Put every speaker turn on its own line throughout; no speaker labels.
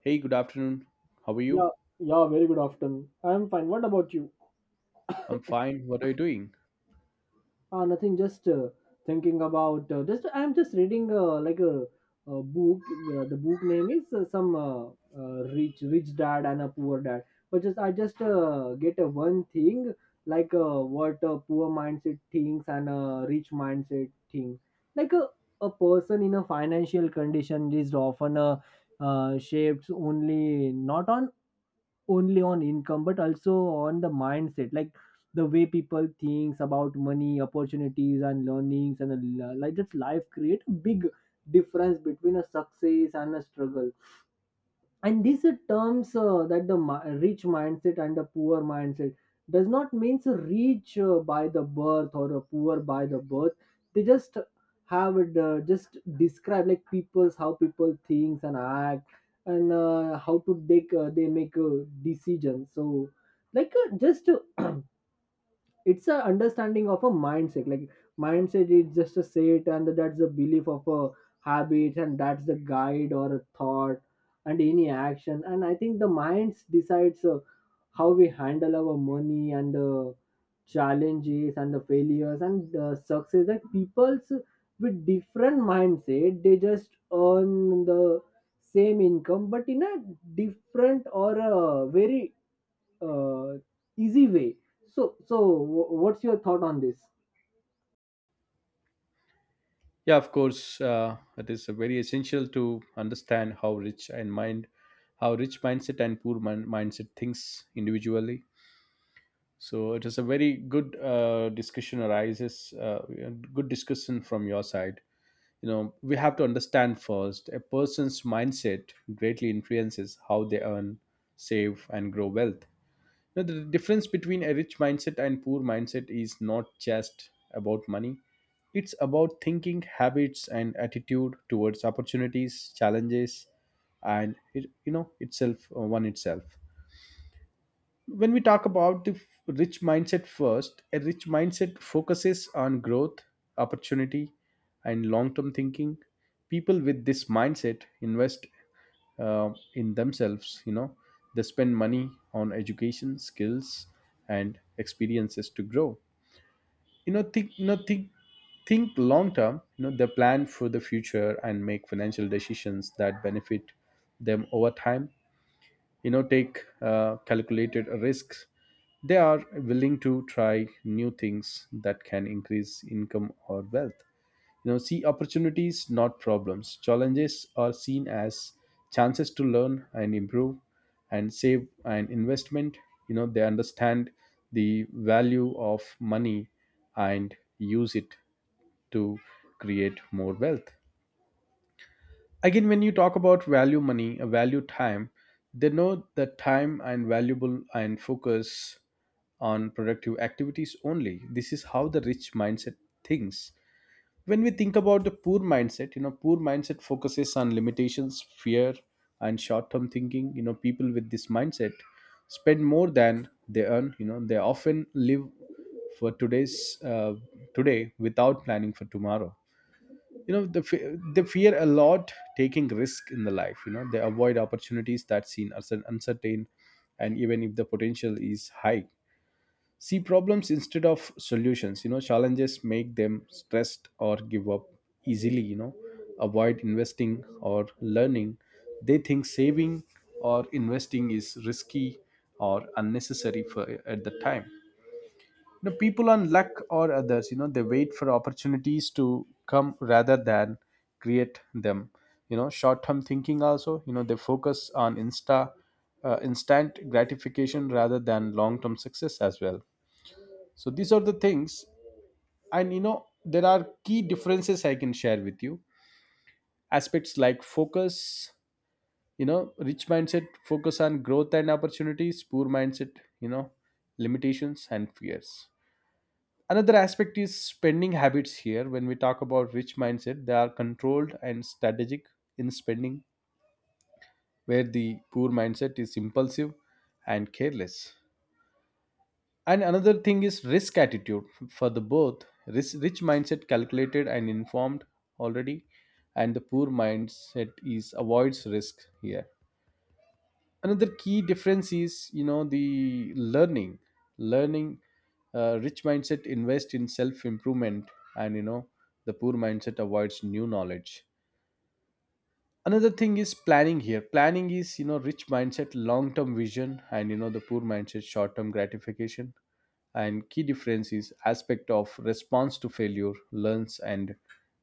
Hey, good afternoon. How are
Yeah,
you?
yeah, very good afternoon. I'm fine. What about you?
I'm fine. What are you doing?
Ah, nothing. Just thinking about. Just I'm just reading like a book. The book name is some rich dad and a poor dad. But just I just get a one thing like what a poor mindset thinks and a rich mindset thing. Like a person in a financial condition is often shaped only not on only on income but also on the mindset, like the way people thinks about money opportunities and learnings and like just life create a big difference between a success and a struggle, and these are terms that the rich mindset and the poor mindset does not means a rich by the birth or a poor by the birth. They just have it, just describe like people's how people thinks and act, and how to take they make decisions. So like just it's a understanding of a mindset. Like mindset is just a set and that's the belief of a habit and that's the guide or a thought and any action. And I think the minds decides how we handle our money and the challenges and the failures and the success, that people's with different mindset they just earn the same income but in a different or a very uh, easy way. So what's your thought on this?
Yeah, of course. It is very essential to understand how rich mindset and poor mindset thinks individually. So it is a very good discussion arises. Good discussion from your side. We have to understand first a person's mindset greatly influences how they earn, save, and grow wealth. Now the difference between a rich mindset and poor mindset is not just about money, it's about thinking habits and attitude towards opportunities, challenges. And it itself one itself, when we talk about the rich mindset, first a rich mindset focuses on growth, opportunity, and long term thinking. People with this mindset invest in themselves. They spend money on education, skills, and experiences to grow, think, think long term. They plan for the future and make financial decisions that benefit them over time. Take calculated risks. They are willing to try new things that can increase income or wealth. See opportunities, not problems. Challenges are seen as chances to learn and improve, and save and investment. They understand the value of money and use it to create more wealth. Again, when you talk about value money, value time, they know that time and valuable and focus on productive activities only. This is how the rich mindset thinks. When we think about the poor mindset, poor mindset focuses on limitations, fear, and short term thinking. People with this mindset spend more than they earn. They often live for today without planning for tomorrow. The they fear a lot taking risk in the life. They avoid opportunities that seem uncertain, and even if the potential is high, see problems instead of solutions. Challenges make them stressed or give up easily. Avoid investing or learning. They think saving or investing is risky or unnecessary for at the time, the people on luck or others. They wait for opportunities to come rather than create them. Short term thinking also. They focus on instant gratification rather than long term success as well. So these are the things, and there are key differences I can share with you. Aspects like focus, rich mindset focus on growth and opportunities, poor mindset limitations and fears. Another aspect is spending habits here. When we talk about rich mindset, they are controlled and strategic in spending, where the poor mindset is impulsive and careless. And another thing is risk attitude for the both risk, rich mindset calculated and informed already, and the poor mindset is avoids risk here. Another key difference is the learning. Rich mindset invest in self improvement, and the poor mindset avoids new knowledge. Another thing is planning here. Planning is, rich mindset long term vision, and the poor mindset short term gratification. And key difference is aspect of response to failure, learns and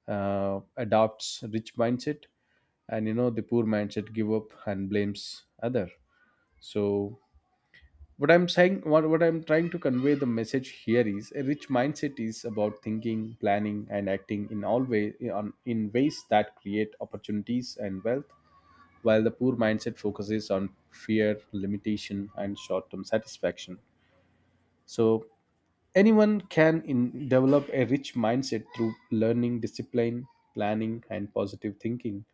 adopts rich mindset, and the poor mindset give up and blames other. So what I'm trying to convey the message here is a rich mindset is about thinking, planning, and acting in all way on in ways that create opportunities and wealth, while the poor mindset focuses on fear, limitation, and short-term satisfaction. So anyone can develop a rich mindset through learning, discipline, planning, and positive thinking.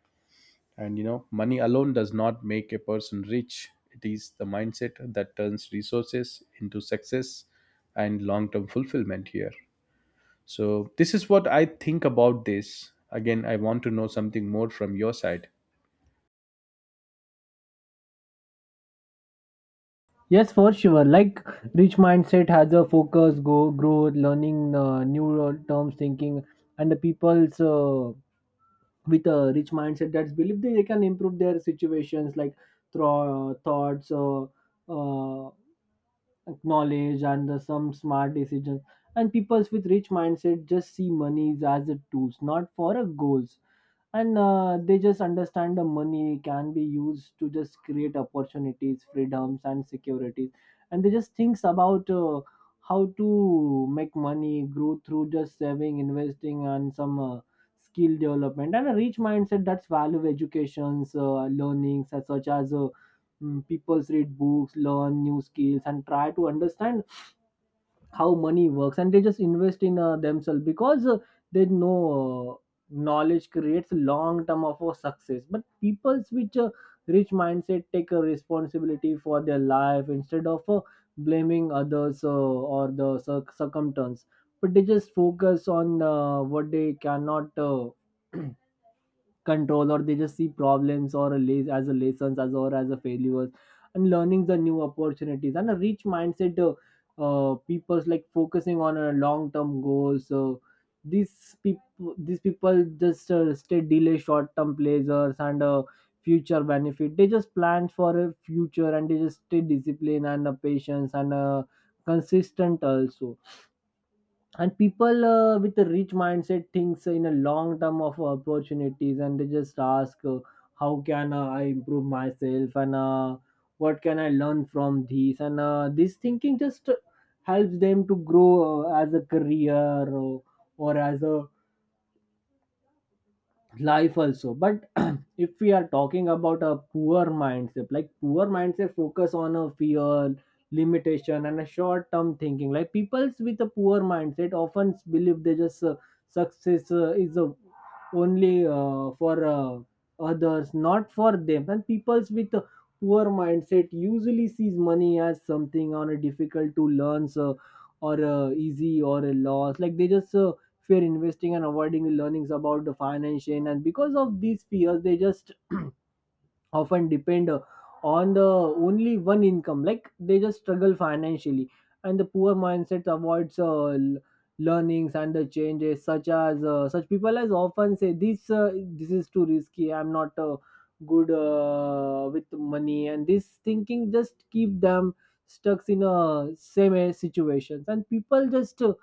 And money alone does not make a person rich. It is the mindset that turns resources into success and long term fulfillment here. So, this is what I think about this. Again, I want to know something more from your side.
Yes, for sure. Like rich mindset has a focus, go growth, learning new terms, thinking, and the people's with a rich mindset that's believe they can improve their situations, like through thoughts, uh, knowledge, and some smart decisions. And people's with rich mindset just see money as a tools, not for a goals, and they just understand the money can be used to just create opportunities, freedoms and securities, and they just thinks about how to make money grow through just saving, investing and some skill development. And a rich mindset that's value educations, learnings, as such as people's read books, learn new skills and try to understand how money works, and they just invest in themselves, because they know knowledge creates long term of success. But people's which rich mindset take a responsibility for their life instead of blaming others or the circumstance, but they just focus on what they cannot control, or they just see problems or a as a lessons as or as a failures, and learning the new opportunities. And a rich mindset people's like focusing on a long term goal, so these people just stay delay short term pleasures and future benefit. They just plan for a future and they just stay disciplined and patience and consistent also. And people with a rich mindset thinks in a long term of opportunities, and they just ask how can I improve myself and what can I learn from this, and this thinking just helps them to grow as a career or as a life also. But if we are talking about a poor mindset, like poor mindset focus on a fear, limitation and a short term thinking. Like people's with a poor mindset often believe they just success is only for others not for them. And people's with a poor mindset usually sees money as something on a difficult to learn, so or easy or a loss. Like they just fear investing and avoiding learnings about the financial, and because of these fears they just often depend on the only one income. Like they just struggle financially, and the poor mindset avoids learnings and the changes, such as such people as often say this this is too risky, I'm not good with money, and this thinking just keep them stuck in a same situations. And people just uh,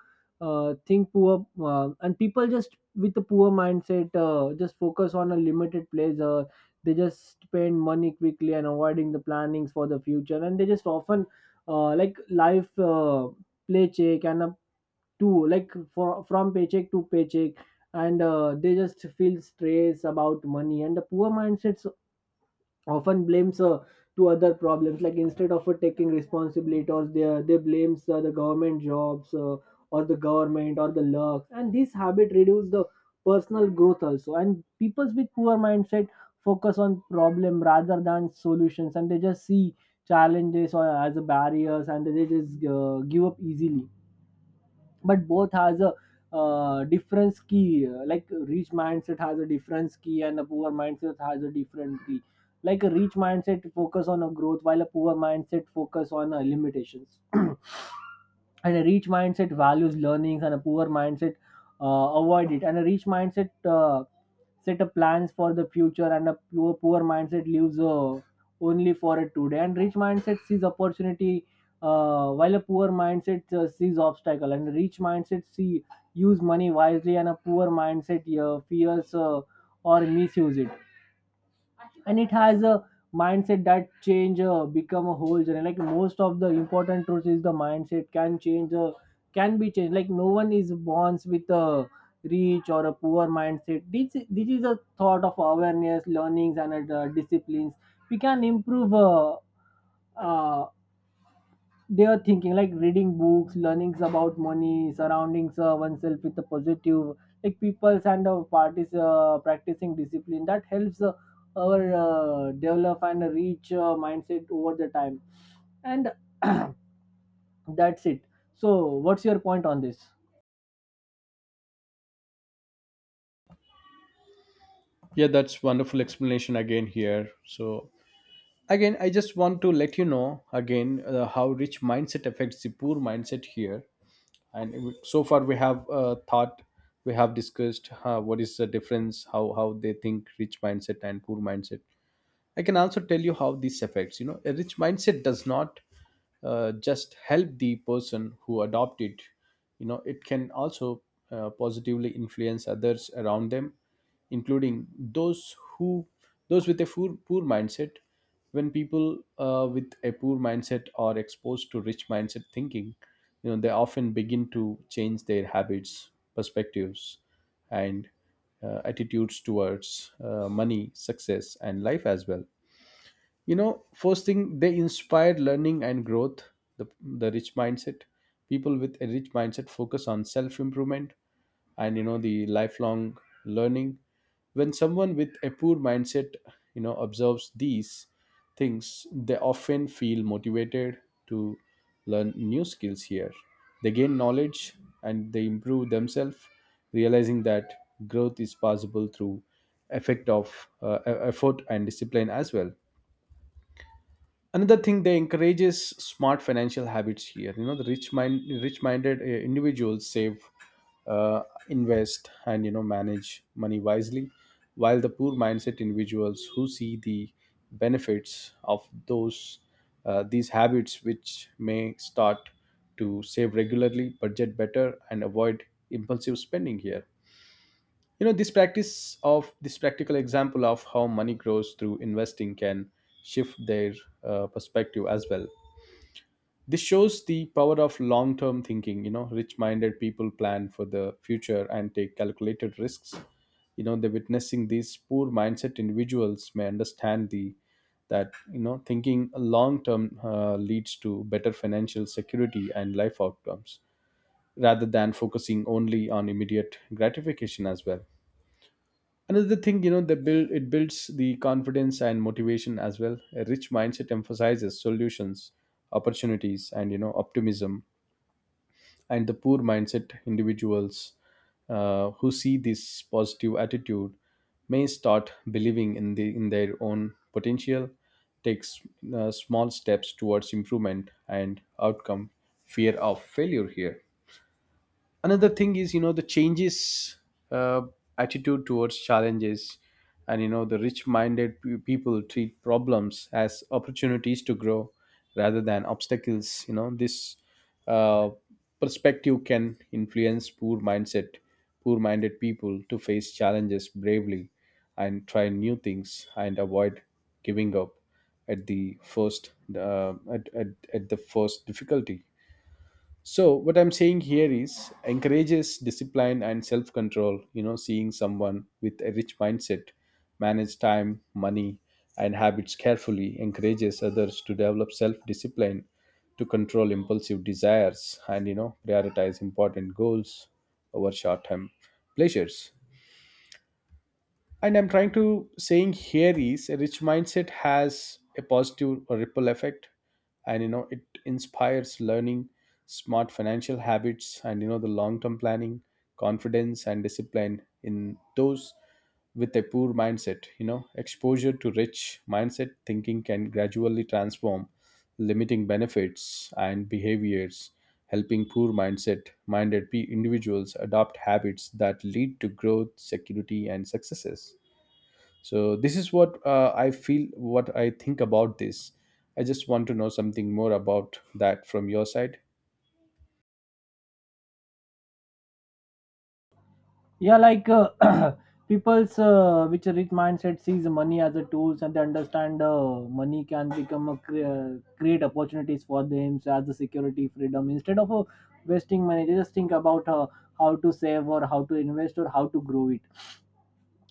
uh, think poor, and people just with a poor mindset just focus on a limited pleasure. They just spend money quickly and avoiding the plannings for the future, and they just often like life paycheck and up to, like for, from paycheck to paycheck. And they just feel stress about money, and the poor mindsets often blames to other problems, like instead of taking responsibility, or they blames the government jobs, or the government or the luck, and this habit reduces the personal growth also. And people with poor mindset focus on problem rather than solutions, and they just see challenges or as a barriers, and they just give up easily. But both has a difference key, like rich mindset has a difference key and a poor mindset has a different key. Like a rich mindset focus on a growth, while a poor mindset focus on limitations. And a rich mindset values learnings and a poor mindset avoid it. And a rich mindset set up plans for the future, and a poor mindset lives only for a today. And rich mindset sees opportunity while a poor mindset sees obstacle, and rich mindset see use money wisely and a poor mindset fears or misuse it. And it has a mindset that change become a whole journey. Like most of the important truth is the mindset can change, can be changed. Like no one is born with a rich or a poor mindset. This is a thought of awareness, learnings and disciplines. We can improve uh, they are thinking, like reading books, learnings about money, surrounding oneself with a positive like people's and parties, practicing discipline, that helps our develop and reach mindset over the time. And that's it. So what's your point on this?
Yeah, that's wonderful explanation again here. So, again, I just want to let you know again how rich mindset affects the poor mindset here. And so far we have discussed what is the difference, how they think rich mindset and poor mindset. I can also tell you how this affects. A rich mindset does not just help the person who adopt it. It can also positively influence others around them, including those with a poor mindset. When people with a poor mindset are exposed to rich mindset thinking, they often begin to change their habits, perspectives, and attitudes towards money, success, and life as well. First thing they inspire learning and growth. The, the rich mindset People with a rich mindset focus on self improvement, and the lifelong learning. When someone with a poor mindset observes these things, they often feel motivated to learn new skills here. They gain knowledge, and they improve themselves, realizing that growth is possible through effort and discipline as well. Another thing, they encourages smart financial habits here. The rich minded individuals save, uh, invest, and manage money wisely, while the poor mindset individuals who see the benefits of those these habits, which may start to save regularly, budget better, and avoid impulsive spending here. This practical example of how money grows through investing can shift their perspective as well. This shows the power of long term thinking. Rich minded people plan for the future and take calculated risks. The witnessing these poor mindset individuals may understand the that thinking long term leads to better financial security and life outcomes, rather than focusing only on immediate gratification as well. Another thing, the build it builds the confidence and motivation as well. A rich mindset emphasizes solutions, opportunities, and optimism. And the poor mindset individuals who see this positive attitude may start believing in their own potential, takes small steps towards improvement and outcome. Fear of failure here. Another thing is the changes uh, attitude towards challenges, and the rich minded people treat problems as opportunities to grow rather than obstacles. This uh, perspective can influence poor mindset, poor minded people to face challenges bravely and try new things and avoid giving up at the first uh, at, at, at the first difficulty. So what I'm saying here is encourages discipline and self-control. Seeing someone with a rich mindset manage time, money, and habits carefully encourages others to develop self-discipline to control impulsive desires, and prioritize important goals over short-term pleasures. And I'm trying to saying here is a rich mindset has a positive ripple effect, and it inspires learning, smart financial habits, and the long term planning, confidence, and discipline in those with a poor mindset. Exposure to rich mindset thinking can gradually transform limiting benefits and behaviors, helping poor mindset minded individuals adopt habits that lead to growth, security, and successes. So this is what I feel, what I think about this. I just want to know something more about that from your side.
Yeah, like people's which a rich mindset sees money as a tools, and they understand money can become a create opportunities for them, so as a security freedom, instead of wasting money they just think about how to save or how to invest or how to grow it.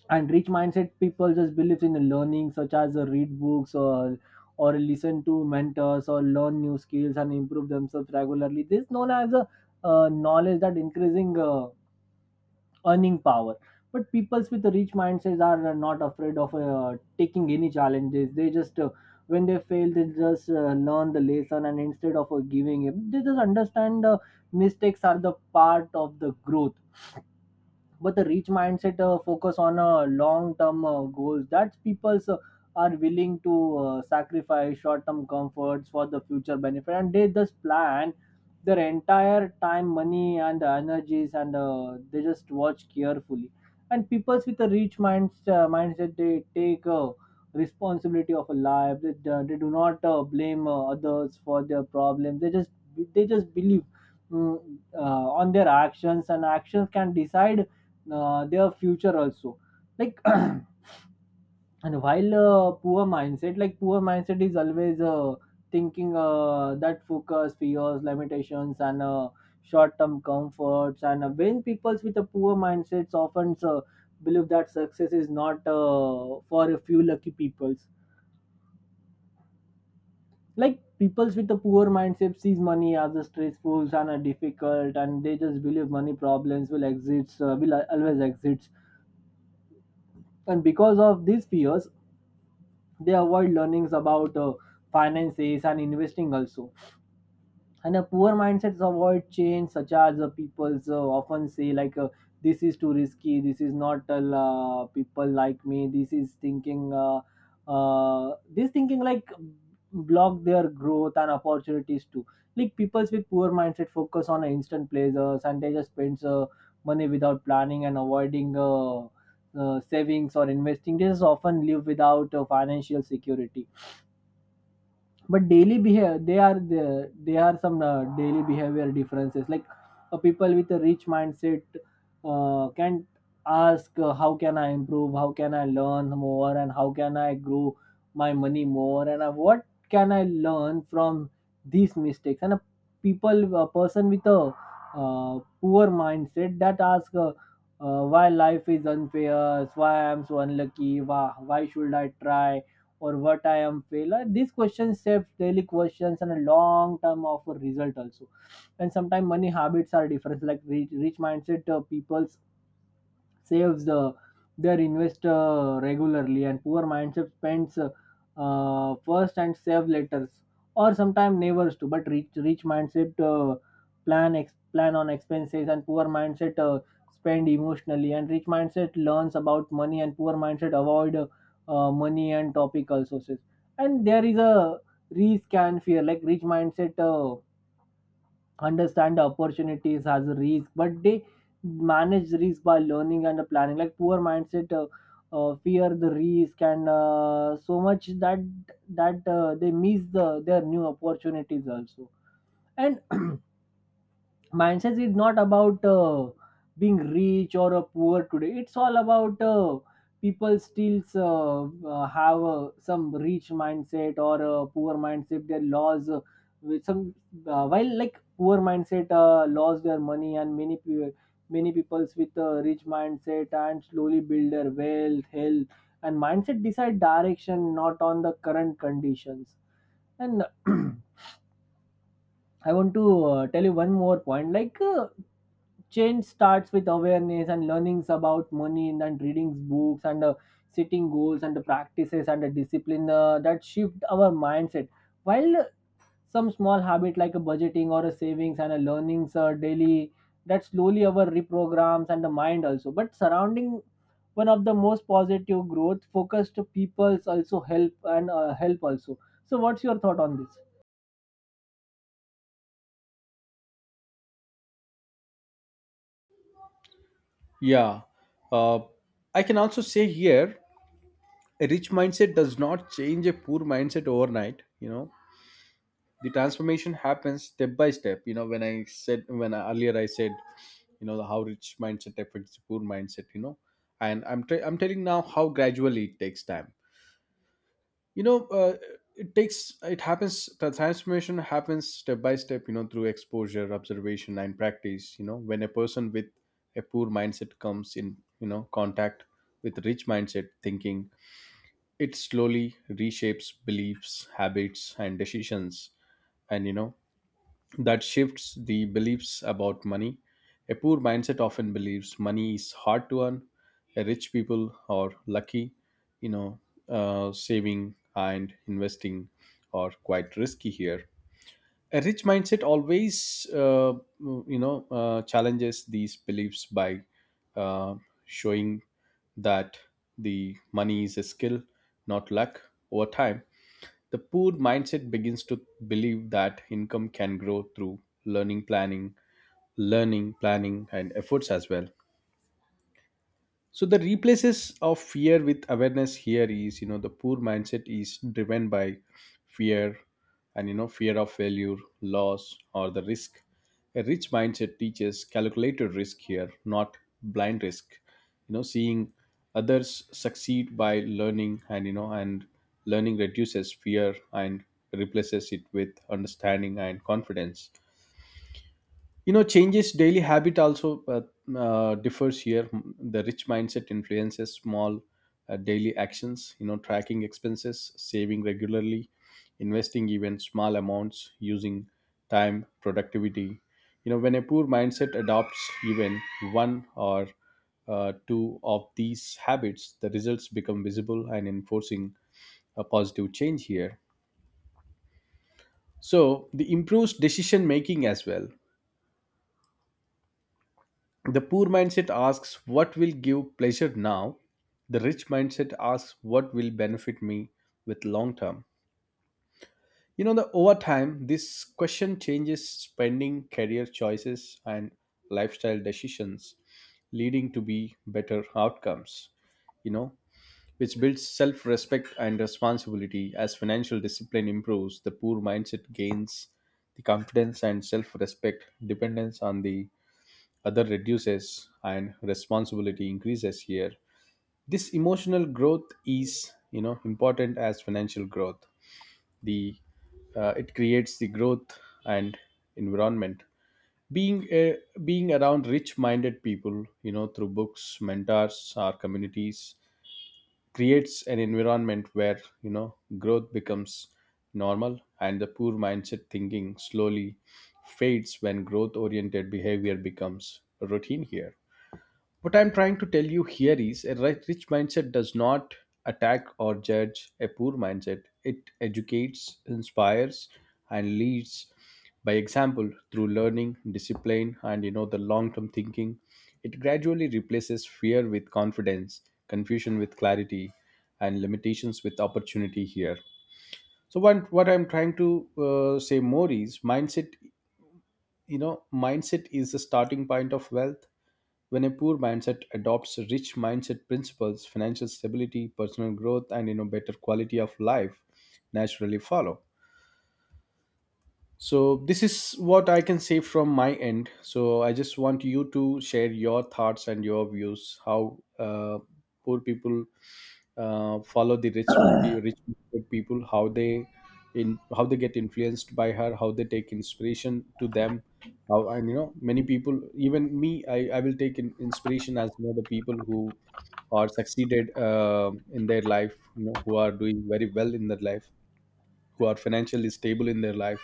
And rich mindset people just believes in the learning, such as read books or listen to mentors or learn new skills and improve themselves regularly. This known as a knowledge that increasing earning power. But peoples with rich mindsets are not afraid of taking any challenges. They just when they fail they just learn the lesson, and instead of giving up they just understand mistakes are the part of the growth. But the rich mindset focus on long term goals, that people are willing to sacrifice short term comforts for the future benefit, and they just plan their entire time, money and energies, and they just watch carefully. And people with a mindset, they take responsibility of a life. They do not blame others for their problems. They just believe mm, on their actions, and actions can decide their future also. Like and while poor mindset, like poor mindset is always thinking that focus fears, limitations and short-term comforts. And when people with a poor mindsets often believe that success is not for a few lucky peoples. Like peoples with a poor mindset sees money as a stressful and a difficult, and they just believe money problems will always exist. And because of these fears, they avoid learnings about finances and investing also. And a poor mindsets avoid change, such as people often say like this is too risky, this is not people like me. This thinking like block their growth and opportunities too. Like people with poor mindset focus on instant pleasures, and they just spends money without planning and avoiding savings or investing. They just often live without financial security. But daily behavior, they are some daily behavior differences. Like people with a rich mindset can ask how can I improve, how can I learn more, and how can I grow my money more, and what can I learn from these mistakes. And a people, a person with a uh, poor mindset that ask why life is unfair, why I'm so unlucky, why should I try or what I am fail. These questions shape daily questions and a long term of a result also. And sometimes money habits are different. Like rich mindset people's saves the their investor regularly and poor mindset spends first and save later or sometimes neighbors too, but rich mindset plan on expenses, and poor mindset spend emotionally, and rich mindset learns about money, and poor mindset avoid money and topical sources. And there is a risk and fear. Like rich mindset understand the opportunities as a risk, but they manage risk by learning and planning. Like poor mindset, fear the risk, and so much that they miss the their new opportunities also. And mindset is not about being rich or poor today. It's all about people still have some rich mindset or poor mindset. They laws with some while like poor mindset lost their money, and many people many people's with a rich mindset and slowly build their wealth health, and mindset decide direction not on the current conditions. And I want to tell you one more point. Like, change starts with awareness and learnings about money, and then reading books and setting goals and the practices and the discipline that shift our mindset. While some small habit like a budgeting or a savings and a learnings daily that slowly our reprograms and the mind also. But surrounding one of the most positive growth focused peoples also help, and help also. So, what's your thought on this?
Yeah uh, I can also say here a rich mindset does not change a poor mindset overnight. The transformation happens step by step. When I, earlier I said how rich mindset affects poor mindset. And I'm telling now how gradually it takes time. you know uh, it happens, the transformation happens step by step, through exposure, observation, and practice. When a person with a poor mindset comes in contact with rich mindset thinking, it slowly reshapes beliefs, habits, and decisions. And that shifts the beliefs about money. A poor mindset often believes money is hard to earn. A rich people are lucky, you know, saving and investing are quite risky here. A rich mindset always, challenges these beliefs by uh, showing that the money is a skill, not luck. Over time, the poor mindset begins to believe that income can grow through learning, planning, and efforts as well, so the replaces of fear with awareness here is, the poor mindset is driven by fear. And fear of failure, loss or the risk. A rich mindset teaches calculated risk here, not blind risk. Seeing others succeed by learning, and learning reduces fear and replaces it with understanding and confidence. Changes daily habit also, differs here. The rich mindset influences small, daily actions, tracking expenses, saving regularly, investing even small amounts, using time productivity. When a poor mindset adopts even one or two of these habits, the results become visible and enforcing a positive change here. So the improves decision making as well. The poor mindset asks, what will give pleasure now? The rich mindset asks, what will benefit me with long term? The over time, this question changes spending, career choices, and lifestyle decisions, leading to be better outcomes. You know, which builds self-respect and responsibility. As financial discipline improves, the poor mindset gains the confidence and self-respect, dependence on the other reduces and responsibility increases here. This emotional growth is, important as financial growth. The It creates the growth and environment. being a, being around rich minded people, through books, mentors or communities, creates an environment where, growth becomes normal, and the poor mindset thinking slowly fades when growth oriented behavior becomes routine here. What I'm trying to tell you here is a rich mindset does not attack or judge a poor mindset. It educates, inspires, and leads by example through learning, discipline, and the long-term thinking. It gradually replaces fear with confidence, confusion with clarity, and limitations with opportunity here. So what I'm trying to, say more is mindset. Mindset is the starting point of wealth. When a poor mindset adopts rich mindset principles, financial stability, personal growth, and better quality of life naturally follow. So this is what I can say from my end. So I just want you to share your thoughts and your views, how, poor people, follow the rich people, how they in how they get influenced by her, how they take inspiration to them. How, and many people, even me, I will take in, inspiration as, the people who are succeeded, in their life, who are doing very well in their life, who are financially stable in their life.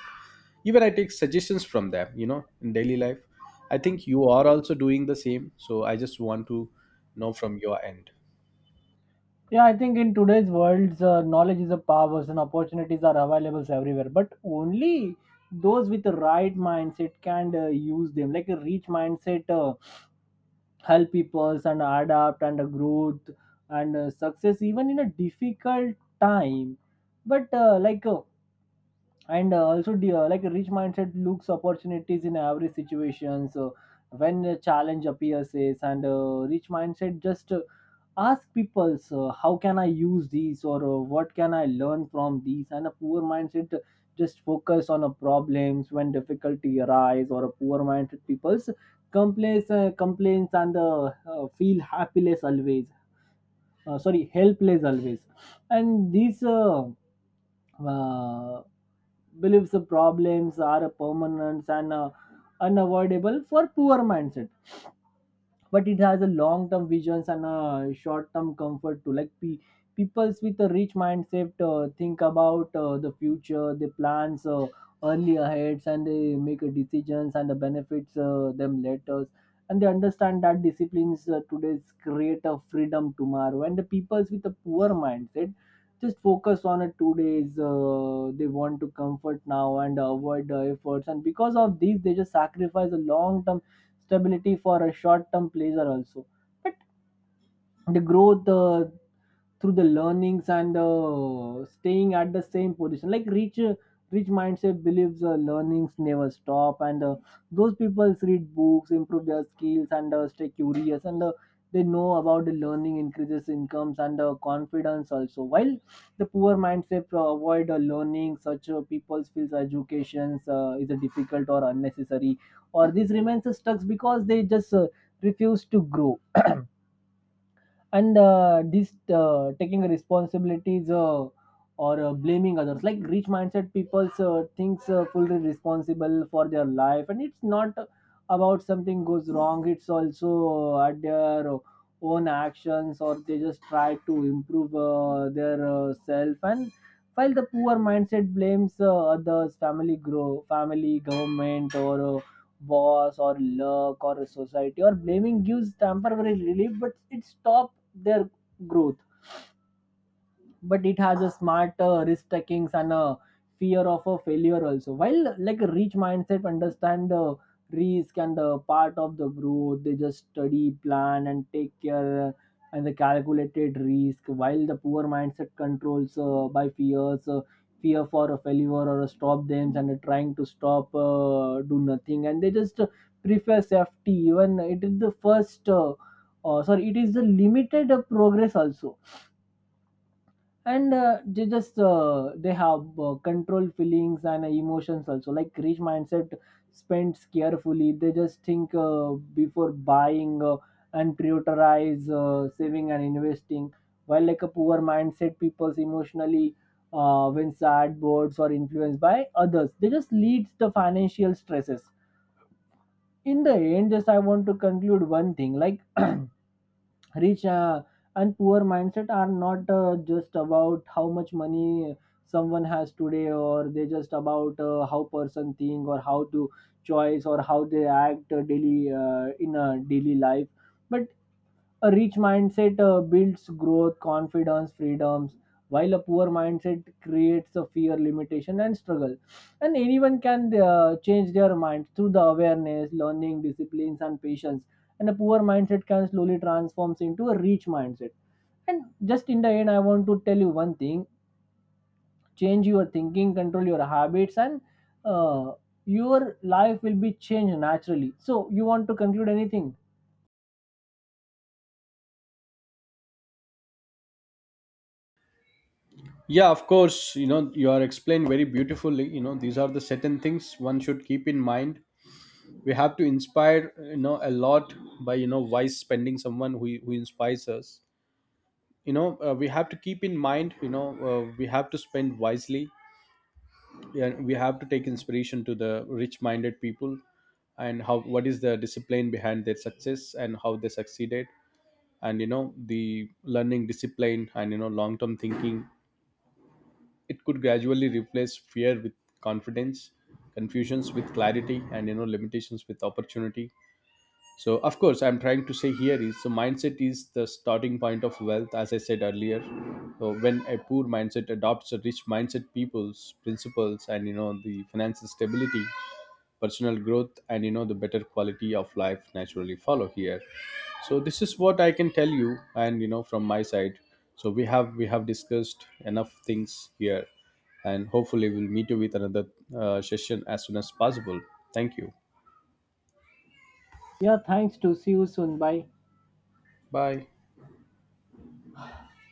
Even I take suggestions from them, in daily life. I think you are also doing the same, so I just want to know from your end.
Yeah, I think in today's world, knowledge is a power, and opportunities are available everywhere. But only those with the right mindset can use them. Like a rich mindset help people and adapt and growth and success even in a difficult time. But like and also the, like a rich mindset looks opportunities in every situation. So when a challenge appears, yes, and rich mindset just ask people, so how can I use these, or what can I learn from these? And a poor mindset just focus on a problems when difficulty arise, or a poor minded people's complaints and feel happiness always, sorry, helpless always. And these uh, believes the problems are permanent and unavoidable for poor mindset. But it has a long term visions and a short term comfort too. Like peoples with a rich mindset think about the future. They plans early ahead, and they make a decisions and the benefits them later, and they understand that disciplines today's create a freedom tomorrow. And the peoples with a poor mindset just focus on a 2 days. They want to comfort now and avoid the efforts, and because of this they just sacrifice a long term stability for a short term pleasure also. But the growth through the learnings and staying at the same position. Like rich mindset believes learnings never stop, and those people read books, improve their skills, and stay curious, and they know about the learning increases incomes and confidence also. While the poor mindset avoid learning, such people feels educations is a difficult or unnecessary, or this remains stuck because they just refuse to grow. And this taking responsibilities, or blaming others. Like rich mindset people thinks fully responsible for their life, and it's not about something goes wrong, it's also at their own actions, or they just try to improve their self. And while the poor mindset blames others, family grow family government, or boss or luck or society, or blaming gives temporary relief, but it stops their growth. But it has a smart risk takings and a fear of a failure also. While like a rich mindset understand the risk and the part of the growth, they just study plan and take care, and the calculated risk. While the poor mindset controls by fears, fear for a failure, or a stop them, and trying to stop, do nothing, and they just prefer safety even it is the first, sorry, it is the limited progress also. And they just they have control feelings and emotions also. Like rich mindset spends carefully, they just think before buying, and prioritize saving and investing. While like a poor mindset people's emotionally, when sad boards or influenced by others, they just leads the financial stresses. In the end, just I want to conclude one thing. Like rich and poor mindset are not just about how much money someone has today, or they just about how person think, or how to choice, or how they act daily in a daily life. But a rich mindset builds growth, confidence, freedoms, while a poor mindset creates a fear, limitation, and struggle. And anyone can change their mind through the awareness, learning, disciplines, and patience. And a poor mindset can slowly transforms into a rich mindset. And just in the end, I want to tell you one thing: change your thinking, control your habits, and uh, your life will be changed naturally. So, you want to conclude anything?
Yeah, of course. You are explained very beautifully. These are the certain things one should keep in mind. We have to inspire, a lot by, wise spending, someone who inspires us. We have to keep in mind, we have to spend wisely. Yeah, we have to take inspiration to the rich-minded people, and how, what is the discipline behind their success and how they succeeded, and the learning discipline, and long-term thinking. It could gradually replace fear with confidence, confusions with clarity, and limitations with opportunity. So of course, I'm trying to say here is, so mindset is the starting point of wealth, as I said earlier. So when a poor mindset adopts a rich mindset people's principles, and the financial stability, personal growth, and the better quality of life naturally follow here. So this is what I can tell you, and from my side. So we have discussed enough things here, and hopefully we'll meet you with another, session as soon as possible. Thank you.
Yeah, thanks. To see you soon. Bye.
Bye.